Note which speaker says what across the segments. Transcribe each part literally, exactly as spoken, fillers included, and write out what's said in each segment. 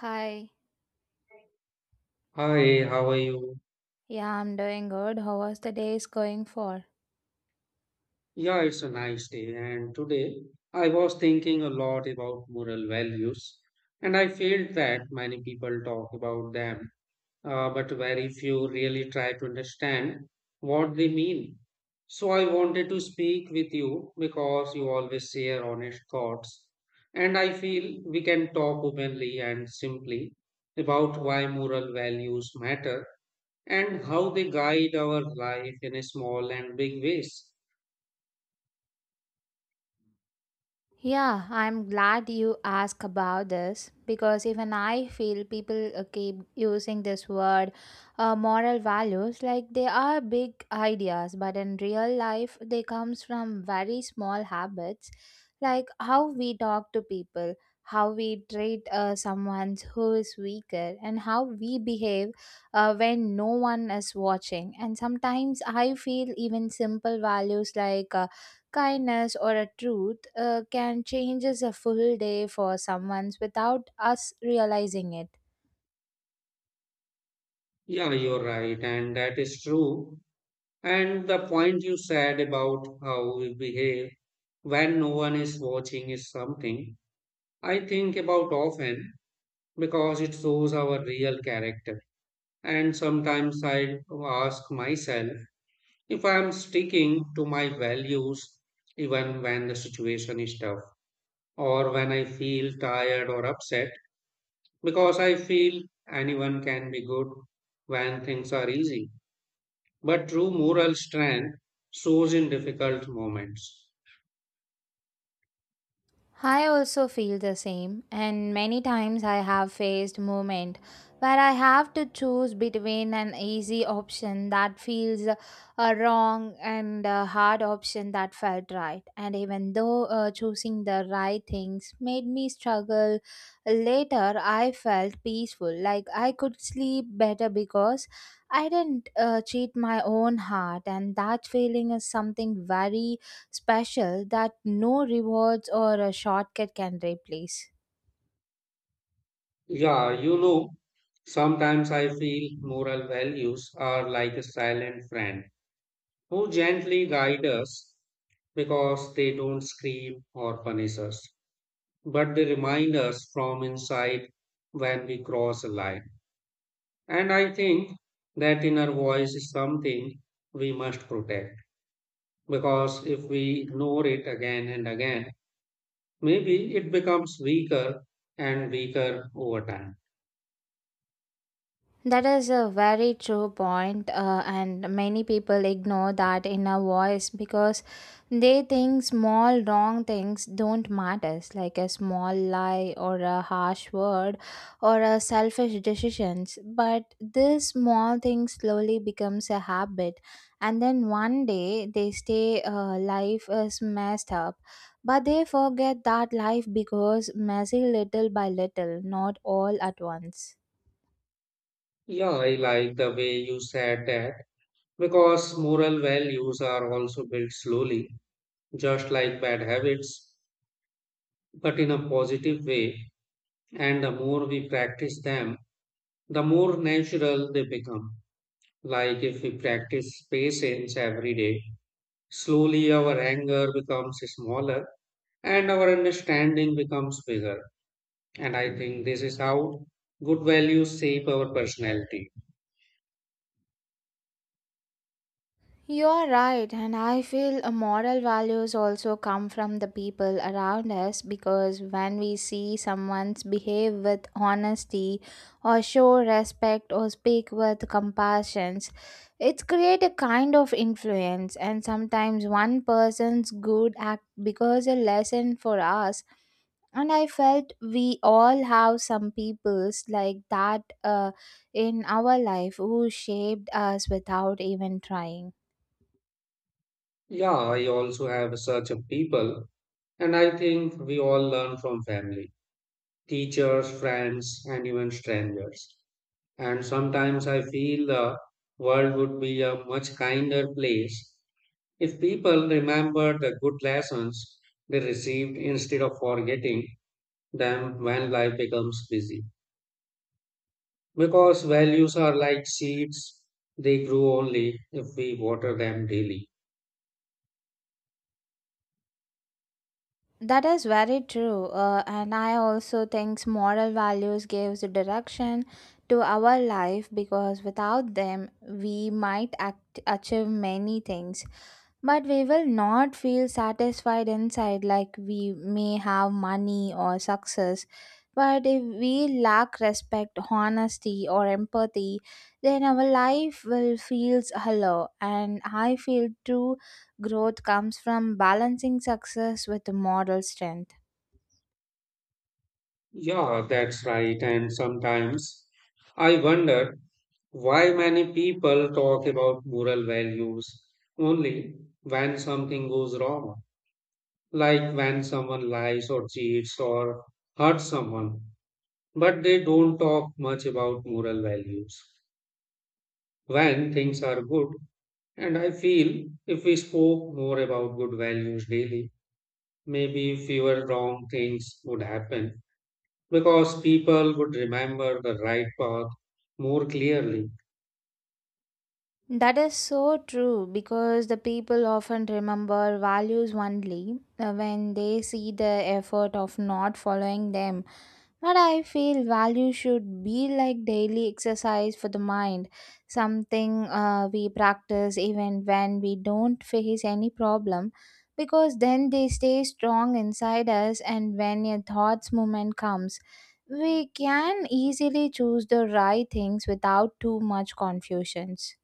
Speaker 1: Hi.
Speaker 2: Hi, how are you?
Speaker 1: Yeah, I'm doing good. How was the day is going for?
Speaker 2: Yeah, it's a nice day. And today I was thinking a lot about moral values, and I felt that many people talk about them, uh, but very few really try to understand what they mean. So I wanted to speak with you because you always share honest thoughts, and I feel we can talk openly and simply about why moral values matter and how they guide our life in a small and big ways.
Speaker 1: Yeah, I'm glad you asked about this because even I feel people uh, keep using this word uh, moral values like they are big ideas, but in real life they comes from very small habits like how we talk to people, how we treat uh, someone who is weaker and how we behave uh, when no one is watching. And sometimes I feel even simple values like uh, kindness or a truth uh, can change a full day for someone without us realizing it.
Speaker 2: Yeah, you're right, and that is true. And the point you said about how we behave when no one is watching is something I think about often because it shows our real character. And sometimes I ask myself if I am sticking to my values even when the situation is tough or when I feel tired or upset, because I feel anyone can be good when things are easy. But true moral strength shows in difficult moments.
Speaker 1: I also feel the same, and many times I have faced moment where I have to choose between an easy option that feels uh, wrong and a hard option that felt right. And even though uh, choosing the right things made me struggle later, I felt peaceful, like I could sleep better because I didn't uh, cheat my own heart, and that feeling is something very special that no rewards or a shortcut can replace.
Speaker 2: Yeah, you know, sometimes I feel moral values are like a silent friend who gently guide us because they don't scream or punish us, but they remind us from inside when we cross a line. And I think that inner voice is something we must protect, because if we ignore it again and again, maybe it becomes weaker and weaker over time.
Speaker 1: That is a very true point, uh, and many people ignore that inner voice because they think small wrong things don't matter, like a small lie or a harsh word or a selfish decisions. But this small thing slowly becomes a habit, and then one day they stay. Uh, life is messed up. But they forget that life because messy little by little, not all at once.
Speaker 2: Yeah, I like the way you said that because moral values are also built slowly, just like bad habits, but in a positive way. And the more we practice them, the more natural they become. Like if we practice patience every day, slowly our anger becomes smaller and our understanding becomes bigger. And I think this is how good values shape our personality.
Speaker 1: You're right, and I feel uh, moral values also come from the people around us because when we see someone's behave with honesty or show respect or speak with compassion, it create a kind of influence, and sometimes one person's good act becomes a lesson for us, and I felt we all have some peoples like that uh, in our life who shaped us without even trying.
Speaker 2: Yeah, I also have such a people, and I think we all learn from family, teachers, friends, and even strangers. And sometimes I feel the world would be a much kinder place if people remember the good lessons they received instead of forgetting them when life becomes busy. Because values are like seeds, they grow only if we water them daily.
Speaker 1: That is very true, uh, and I also think moral values gives direction to our life because without them we might act, achieve many things. But we will not feel satisfied inside. Like we may have money or success, but if we lack respect honesty or empathy, then our life will feels hollow, and I feel true growth comes from balancing success with moral strength.
Speaker 2: Yeah, that's right. And sometimes I wonder why many people talk about moral values only when something goes wrong, like when someone lies or cheats or hurts someone, but they don't talk much about moral values when things are good. And I feel if we spoke more about good values daily, maybe fewer wrong things would happen because people would remember the right path more clearly.
Speaker 1: That is so true because the people often remember values only uh, when they see the effort of not following them. But I feel value should be like daily exercise for the mind, something uh, we practice even when we don't face any problem, because then they stay strong inside us, and when a thoughts movement comes, we can easily choose the right things without too much confusions.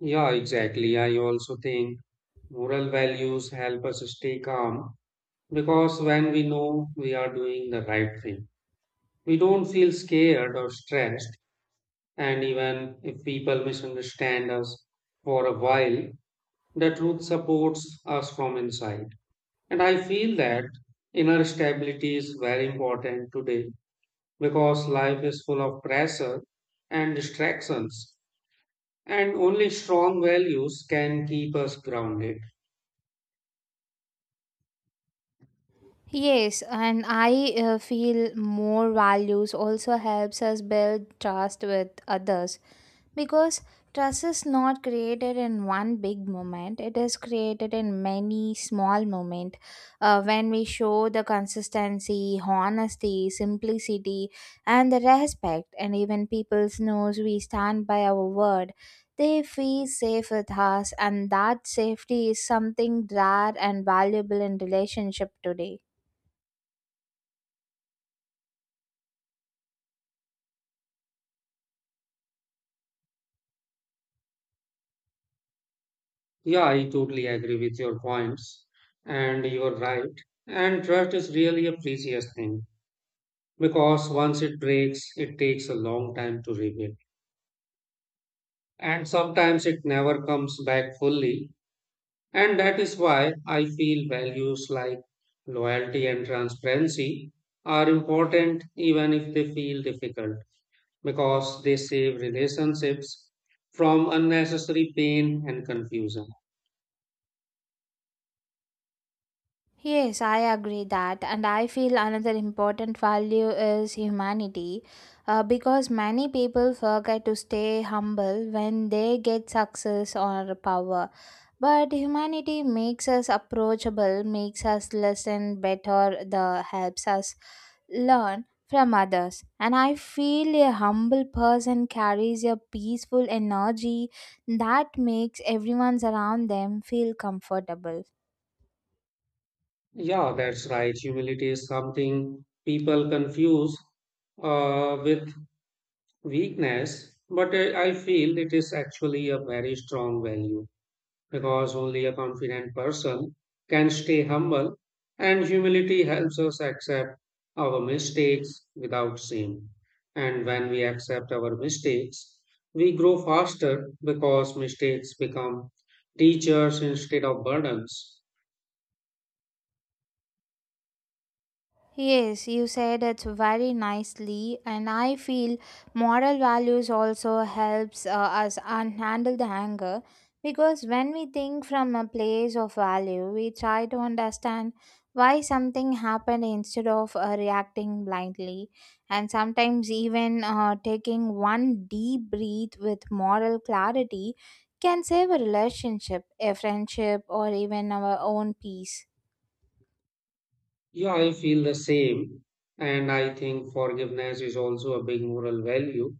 Speaker 2: Yeah, exactly. I also think moral values help us stay calm because when we know we are doing the right thing, we don't feel scared or stressed. And even if people misunderstand us for a while, the truth supports us from inside. And I feel that inner stability is very important today because life is full of pressure and distractions, and only strong values can keep us grounded.
Speaker 1: Yes, and I uh, feel more values also helps us build trust with others because trust is not created in one big moment. It is created in many small moments uh, when we show the consistency, honesty, simplicity, and the respect, and even people knows we stand by our word. They feel safe with us, and that safety is something rare and valuable in relationship today.
Speaker 2: Yeah, I totally agree with your points, and you're right. And trust is really a precious thing because once it breaks, it takes a long time to rebuild, and sometimes it never comes back fully. And that is why I feel values like loyalty and transparency are important even if they feel difficult because they save relationships from unnecessary pain and confusion.
Speaker 1: Yes, I agree that, and I feel another important value is humanity uh, because many people forget to stay humble when they get success or power. But humanity makes us approachable, makes us listen better, the helps us learn from others. And I feel a humble person carries a peaceful energy that makes everyone around them feel comfortable.
Speaker 2: Yeah, that's right. Humility is something people confuse uh, with weakness, but uh, I feel it is actually a very strong value, because only a confident person can stay humble, and humility helps us accept our mistakes without shame. And when we accept our mistakes, we grow faster because mistakes become teachers instead of burdens.
Speaker 1: Yes, you said it very nicely, and I feel moral values also helps uh, us un- handle the anger because when we think from a place of value, we try to understand why something happened instead of uh, reacting blindly, and sometimes even uh, taking one deep breath with moral clarity can save a relationship, a friendship, or even our own peace.
Speaker 2: Yeah, I feel the same. And I think forgiveness is also a big moral value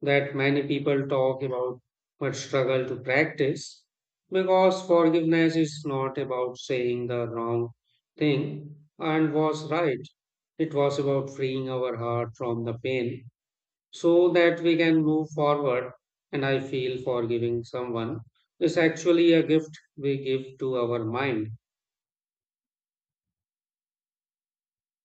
Speaker 2: that many people talk about but struggle to practice because forgiveness is not about saying the wrong thing and was right. It was about freeing our heart from the pain so that we can move forward. And I feel forgiving someone is actually a gift we give to our mind.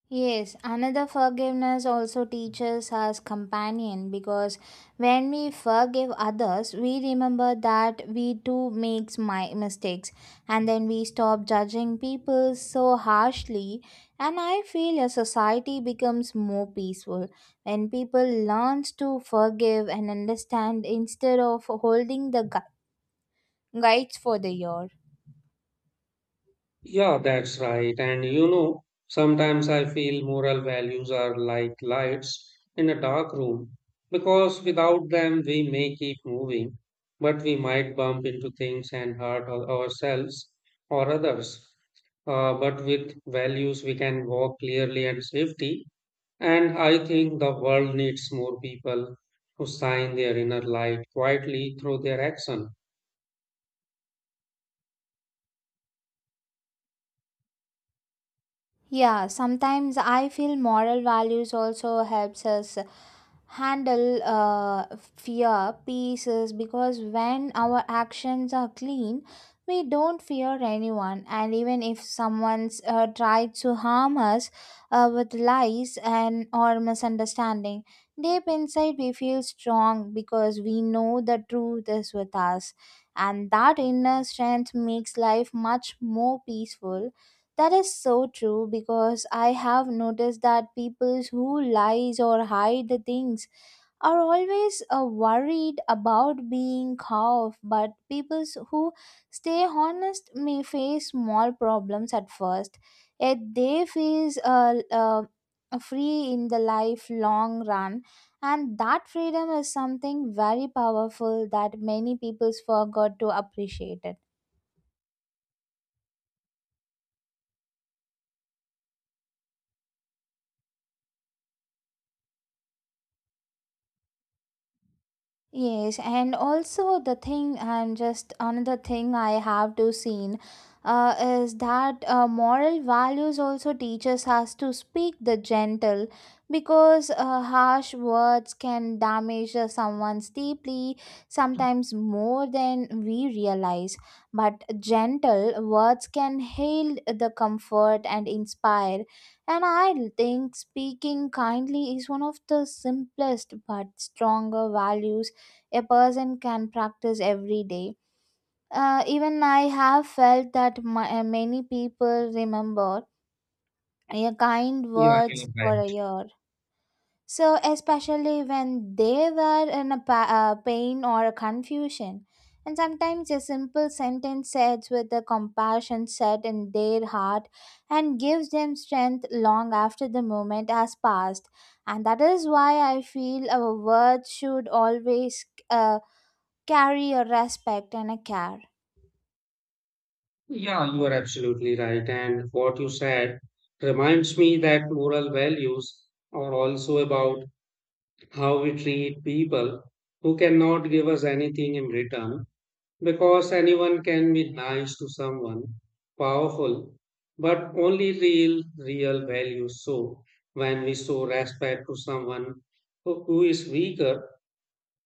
Speaker 1: Yes, another forgiveness also teaches us companion because when we forgive others, we remember that we too makes my mistakes, and then we stop judging people so harshly, and I feel a society becomes more peaceful when people learns to forgive and understand instead of holding the gu- guides for the year.
Speaker 2: Yeah, that's right. And you know, sometimes I feel moral values are like lights in a dark room because without them we may keep moving, but we might bump into things and hurt our- ourselves or others. Uh, but with values, we can walk clearly and safety. And I think the world needs more people who shine their inner light quietly through their action.
Speaker 1: Yeah, sometimes I feel moral values also helps us handle uh, fear pieces because when our actions are clean, we don't fear anyone. And even if someone's uh, tried to harm us uh, with lies and or misunderstanding, deep inside we feel strong because we know the truth is with us. And that inner strength makes life much more peaceful. That is so true because I have noticed that people who lies or hide the things are always uh, worried about being caught, but people who stay honest may face small problems at first, yet they feel uh, uh, free in the lifelong run, and that freedom is something very powerful that many people forgot to appreciate it. Yes, and also the thing, and just another thing I have to seen uh, is that uh, moral values also teaches us to speak the gentle because uh, harsh words can damage uh, someone's deeply, sometimes more than we realize. But gentle words can heal the comfort and inspire. And I think speaking kindly is one of the simplest but stronger values a person can practice every day. Uh, even I have felt that my, uh, many people remember your kind
Speaker 2: Yeah, you're
Speaker 1: words for a
Speaker 2: right.
Speaker 1: year. So, especially when they were in a pa- uh, pain or a confusion. And sometimes a simple sentence said with the compassion set in their heart and gives them strength long after the moment has passed. And that is why I feel our words should always uh, carry a respect and a care.
Speaker 2: Yeah, you are absolutely right. And what you said reminds me that moral values are also about how we treat people who cannot give us anything in return, because anyone can be nice to someone, powerful, but only real, real values. So when we show respect to someone who who is weaker,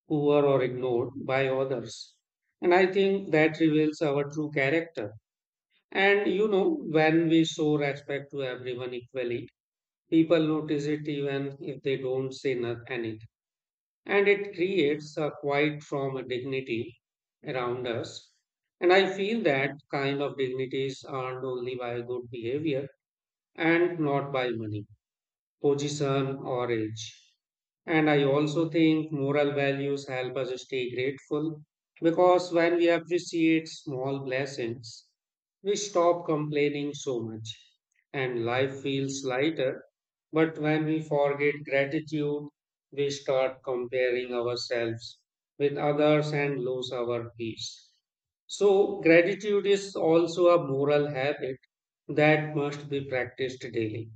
Speaker 2: poor, or ignored by others, and I think that reveals our true character. And you know, when we show respect to everyone equally, people notice it even if they don't say not anything. And it creates a quiet form of dignity around us. And I feel that kind of dignity is earned only by good behavior and not by money, position, or age. And I also think moral values help us stay grateful because when we appreciate small blessings, we stop complaining so much and life feels lighter. But when we forget gratitude, we start comparing ourselves with others and lose our peace. So, gratitude is also a moral habit that must be practiced daily.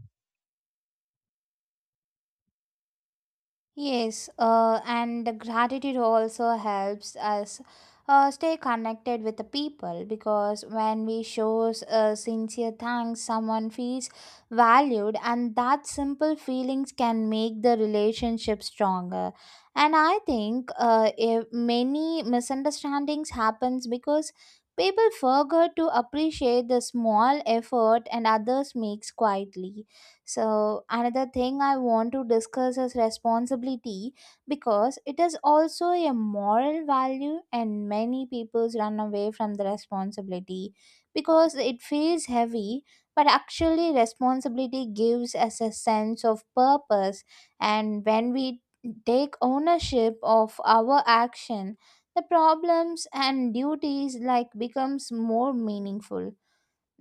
Speaker 1: Yes, uh, and the gratitude also helps us uh, stay connected with the people because when we show uh, sincere thanks, someone feels valued, and that simple feelings can make the relationship stronger. And I think uh, if many misunderstandings happens because people forget to appreciate the small effort and others makes quietly. So, another thing I want to discuss is responsibility because it is also a moral value, and many people run away from the responsibility because it feels heavy. But actually, responsibility gives us a sense of purpose, and when we take ownership of our action, the problems and duties like becomes more meaningful.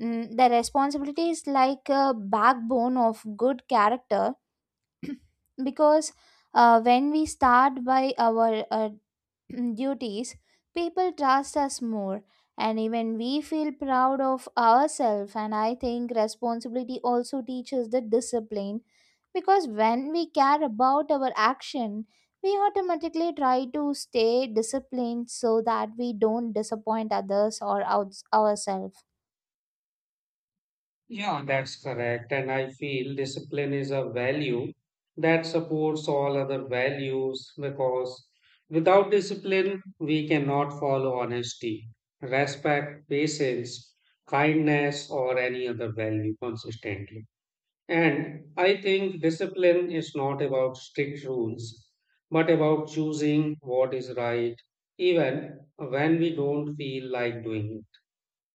Speaker 1: Mm, the responsibility is like a backbone of good character because uh, when we start by our uh, duties, people trust us more, and even we feel proud of ourselves, and I think responsibility also teaches the discipline because when we care about our action, we automatically try to stay disciplined so that we don't disappoint others or outs- ourselves.
Speaker 2: Yeah, that's correct. And I feel discipline is a value that supports all other values because without discipline, we cannot follow honesty, respect, patience, kindness, or any other value consistently. And I think discipline is not about strict rules, but about choosing what is right, even when we don't feel like doing it.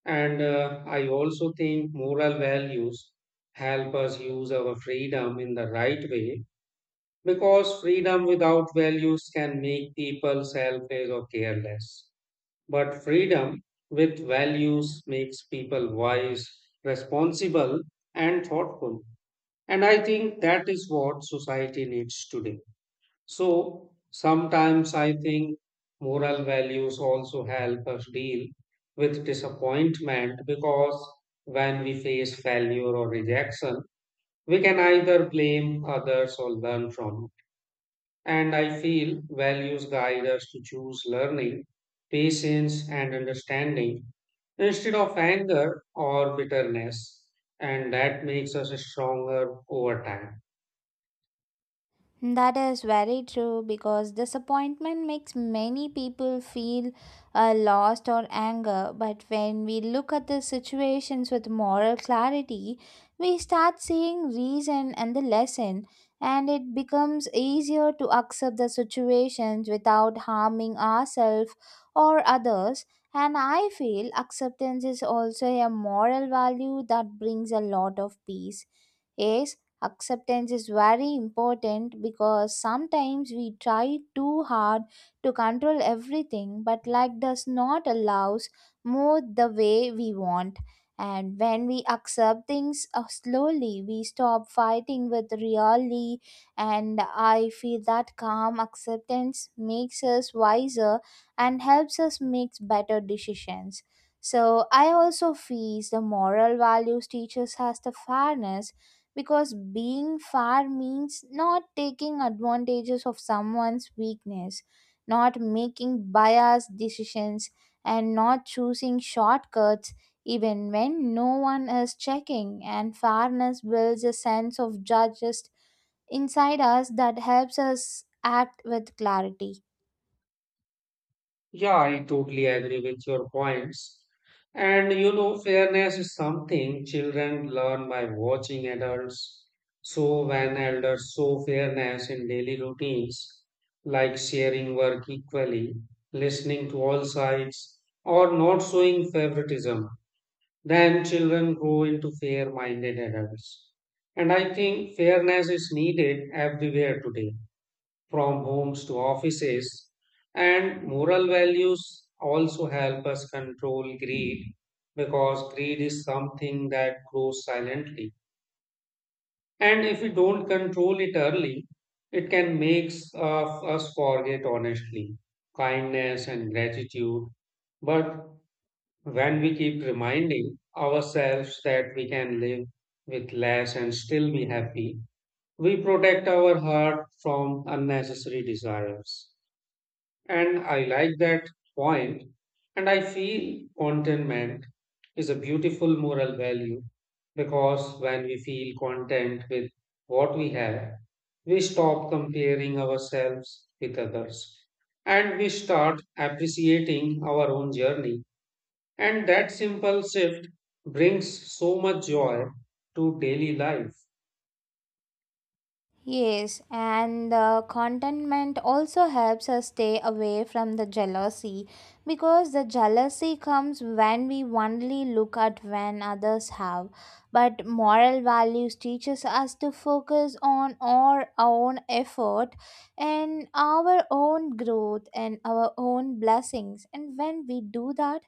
Speaker 2: And uh, I also think moral values help us use our freedom in the right way because freedom without values can make people selfish or careless. But freedom with values makes people wise, responsible, and thoughtful. And I think that is what society needs today. So sometimes I think moral values also help us deal with disappointment because when we face failure or rejection, we can either blame others or learn from it. And I feel values guide us to choose learning, patience, and understanding instead of anger or bitterness. And that makes us stronger over time.
Speaker 1: That is very true because disappointment makes many people feel uh, lost or anger. But when we look at the situations with moral clarity, we start seeing reason and the lesson, and it becomes easier to accept the situations without harming ourselves or others. And I feel acceptance is also a moral value that brings a lot of peace. Yes, acceptance is very important because sometimes we try too hard to control everything, but life does not allow us move the way we want. And when we accept things uh, slowly, we stop fighting with reality. And I feel that calm acceptance makes us wiser and helps us make better decisions. So I also feel the moral values teaches us the fairness because being fair means not taking advantages of someone's weakness, not making biased decisions, and not choosing shortcuts even when no one is checking, and fairness builds a sense of justice inside us that helps us act with clarity.
Speaker 2: Yeah, I totally agree with your points. And you know, fairness is something children learn by watching adults. So, when elders show fairness in daily routines, like sharing work equally, listening to all sides, or not showing favoritism, then children grow into fair minded adults. And I think fairness is needed everywhere today, from homes to offices. And moral values also help us control greed because greed is something that grows silently. And if we don't control it early, it can make us forget honestly, kindness, and gratitude. But when we keep reminding ourselves that we can live with less and still be happy, we protect our heart from unnecessary desires. And I like that point. And I feel contentment is a beautiful moral value because when we feel content with what we have, we stop comparing ourselves with others and we start appreciating our own journey. And that simple shift brings so much joy to daily life.
Speaker 1: Yes, and the contentment also helps us stay away from the jealousy because the jealousy comes when we only look at when others have. But moral values teaches us to focus on our own effort and our own growth and our own blessings. And when we do that,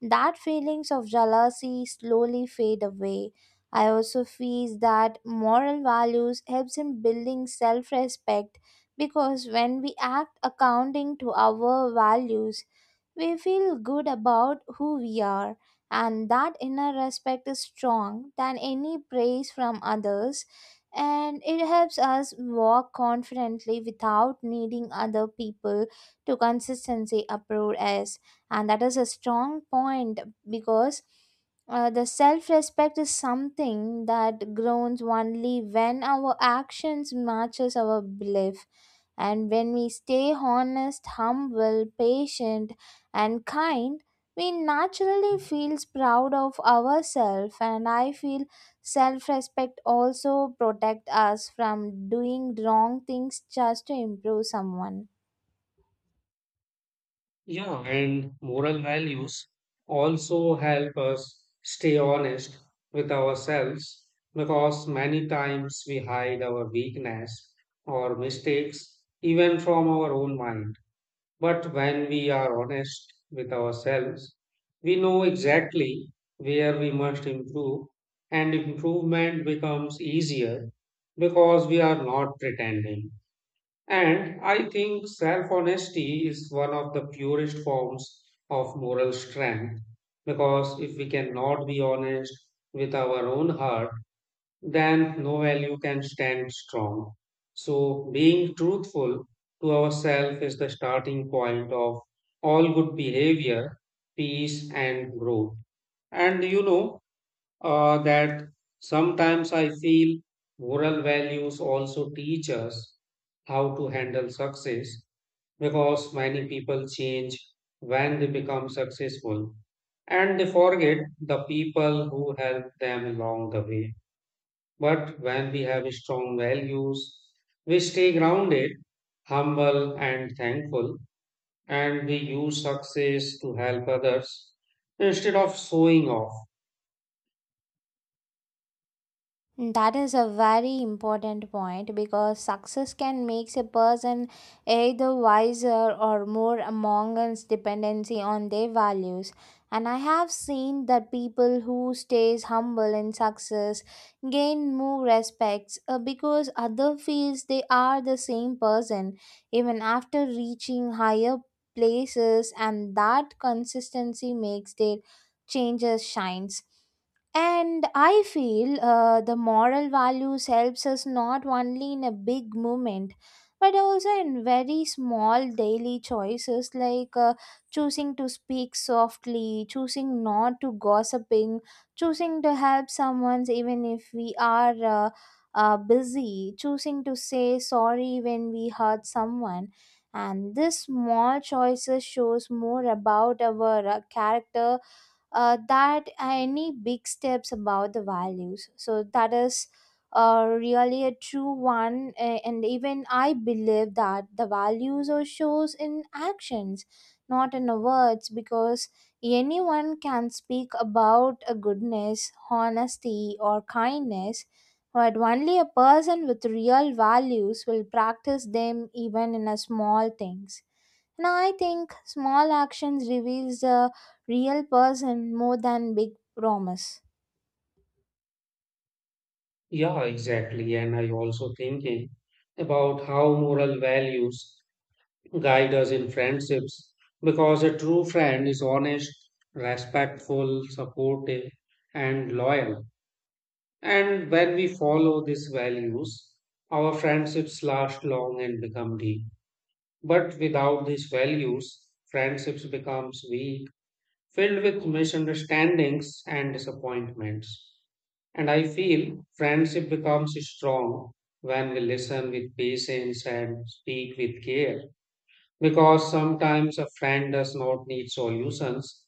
Speaker 1: that feelings of jealousy slowly fade away. I also feel that moral values helps in building self-respect because when we act according to our values, we feel good about who we are, and that inner respect is strong than any praise from others, and it helps us walk confidently without needing other people to consistently approve us, and that is a strong point because uh, the self respect is something that grows only when our actions matches our belief, and when we stay honest humble patient and kind, we naturally feels proud of ourselves, and I feel self respect also protect us from doing wrong things just to improve someone.
Speaker 2: Yeah, and moral values also help us stay honest with ourselves because many times we hide our weakness or mistakes even from our own mind. But when we are honest with ourselves, we know exactly where we must improve, and improvement becomes easier because we are not pretending. And I think self honesty is one of the purest forms of moral strength because if we cannot be honest with our own heart, then no value can stand strong. So, being truthful to ourselves is the starting point of all good behavior, peace, and growth. And you know, uh, that sometimes I feel moral values also teach us how to handle success because many people change when they become successful and they forget the people who helped them along the way. But when we have strong values, we stay grounded, humble, and thankful, and we use success to help others instead of showing off.
Speaker 1: That is a very important point because success can make a person either wiser or more among us dependency on their values. And I have seen that people who stays humble in success gain more respects uh, because other feels they are the same person even after reaching higher places, and that consistency makes their changes shines, and I feel uh, the moral values helps us not only in a big movement, but also in very small daily choices like uh, choosing to speak softly, choosing not to gossiping, choosing to help someone even if we are uh, uh, busy, choosing to say sorry when we hurt someone. And this small choices shows more about our uh, character uh, that any big steps about the values, so that is uh, really a true one, a- and even I believe that the values are shows in actions, not in words, because anyone can speak about a goodness honesty or kindness, but only a person with real values will practice them even in a small things, and I think small actions reveals the real person more than big promise.
Speaker 2: Yeah, exactly. And I also thinking about how moral values guide us in friendships because a true friend is honest, respectful, supportive, and loyal. And when we follow these values, our friendships last long and become deep. But without these values, friendships becomes weak, filled with misunderstandings and disappointments. And I feel friendship becomes strong when we listen with patience and speak with care. Because sometimes a friend does not need solutions,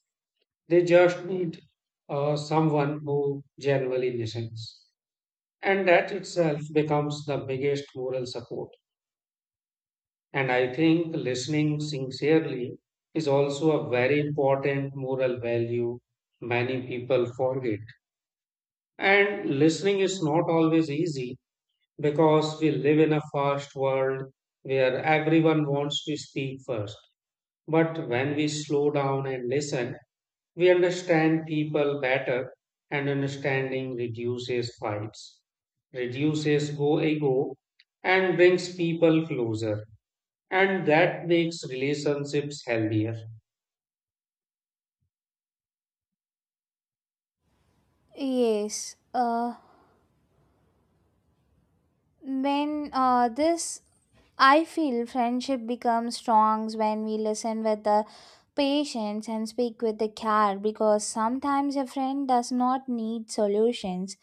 Speaker 2: they just need uh, someone who genuinely listens. And that itself becomes the biggest moral support. And I think listening sincerely is also a very important moral value many people forget. And listening is not always easy because we live in a fast world where everyone wants to speak first. But when we slow down and listen, we understand people better, and understanding reduces fights, reduces go ego, and brings people closer. And that makes relationships healthier.
Speaker 1: Yes. Uh, when uh, this, I feel friendship becomes strong when we listen with the patience and speak with the care because sometimes a friend does not need solutions.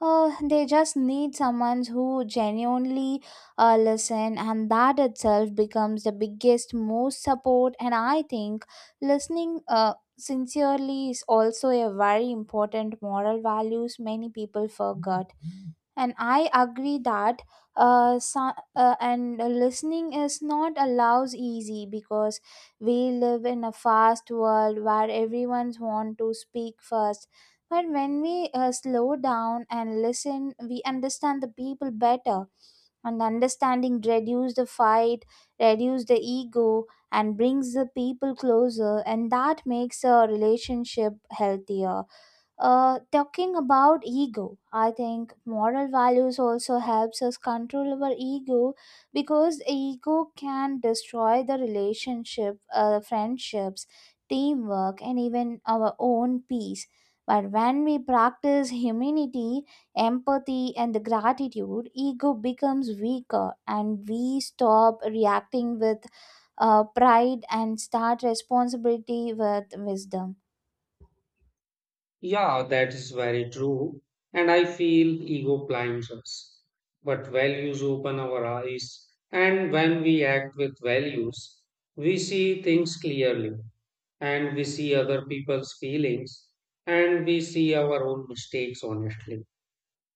Speaker 1: Uh, they just need someone who genuinely uh, listen, and that itself becomes the biggest most support, and I think listening uh, sincerely is also a very important moral values many people forget, and I agree that uh, so, uh, and listening is not allows easy because we live in a fast world where everyone's want to speak first, but when we uh, slow down and listen, we understand the people better, and understanding reduce the fight, reduce the ego, and brings the people closer, and that makes a relationship healthier. Uh, talking about ego, I think moral values also helps us control our ego because ego can destroy the relationship, uh, friendships, teamwork, and even our own peace, but when we practice humility, empathy and gratitude, ego becomes weaker, and we stop reacting with uh, pride and start responsibility with wisdom.
Speaker 2: Yeah, that is very true. And I feel ego blinds us. But values open our eyes. And when we act with values, we see things clearly. And we see other people's feelings. And we see our own mistakes honestly.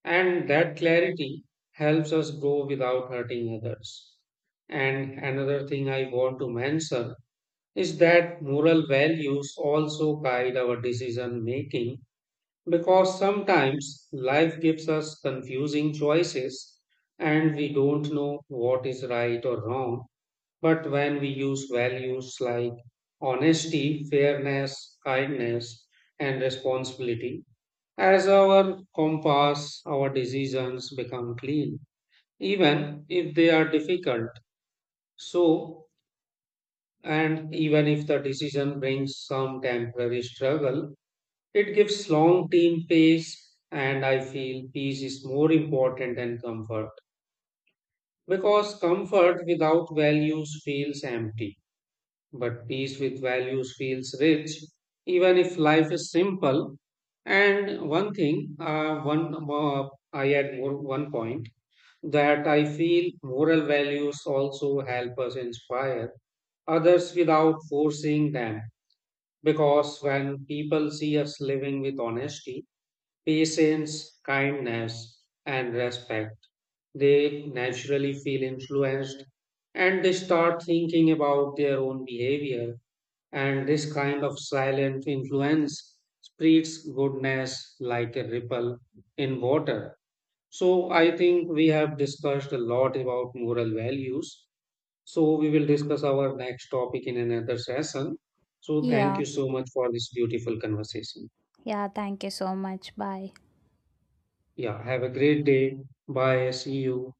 Speaker 2: And that clarity helps us grow without hurting others. And another thing I want to mention is that moral values also guide our decision making because sometimes life gives us confusing choices and we don't know what is right or wrong. But when we use values like honesty, fairness, kindness, and responsibility as our compass, our decisions become clean, even if they are difficult. So, and even if the decision brings some temporary struggle, it gives long team pace, and I feel peace is more important than comfort because comfort without values feels empty, but peace with values feels rich, even if life is simple. And one thing, uh, one uh, I add more, one point that I feel moral values also help us inspire others without forcing them. Because when people see us living with honesty, patience, kindness, and respect, they naturally feel influenced and they start thinking about their own behavior. And this kind of silent influence spreads goodness like a ripple in water. So, I think we have discussed a lot about moral values. So, we will discuss our next topic in another session. So, thank
Speaker 1: Yeah.
Speaker 2: you so much for this beautiful conversation.
Speaker 1: Yeah. Thank you so much. Bye.
Speaker 2: Yeah, have a great day. Bye. See you.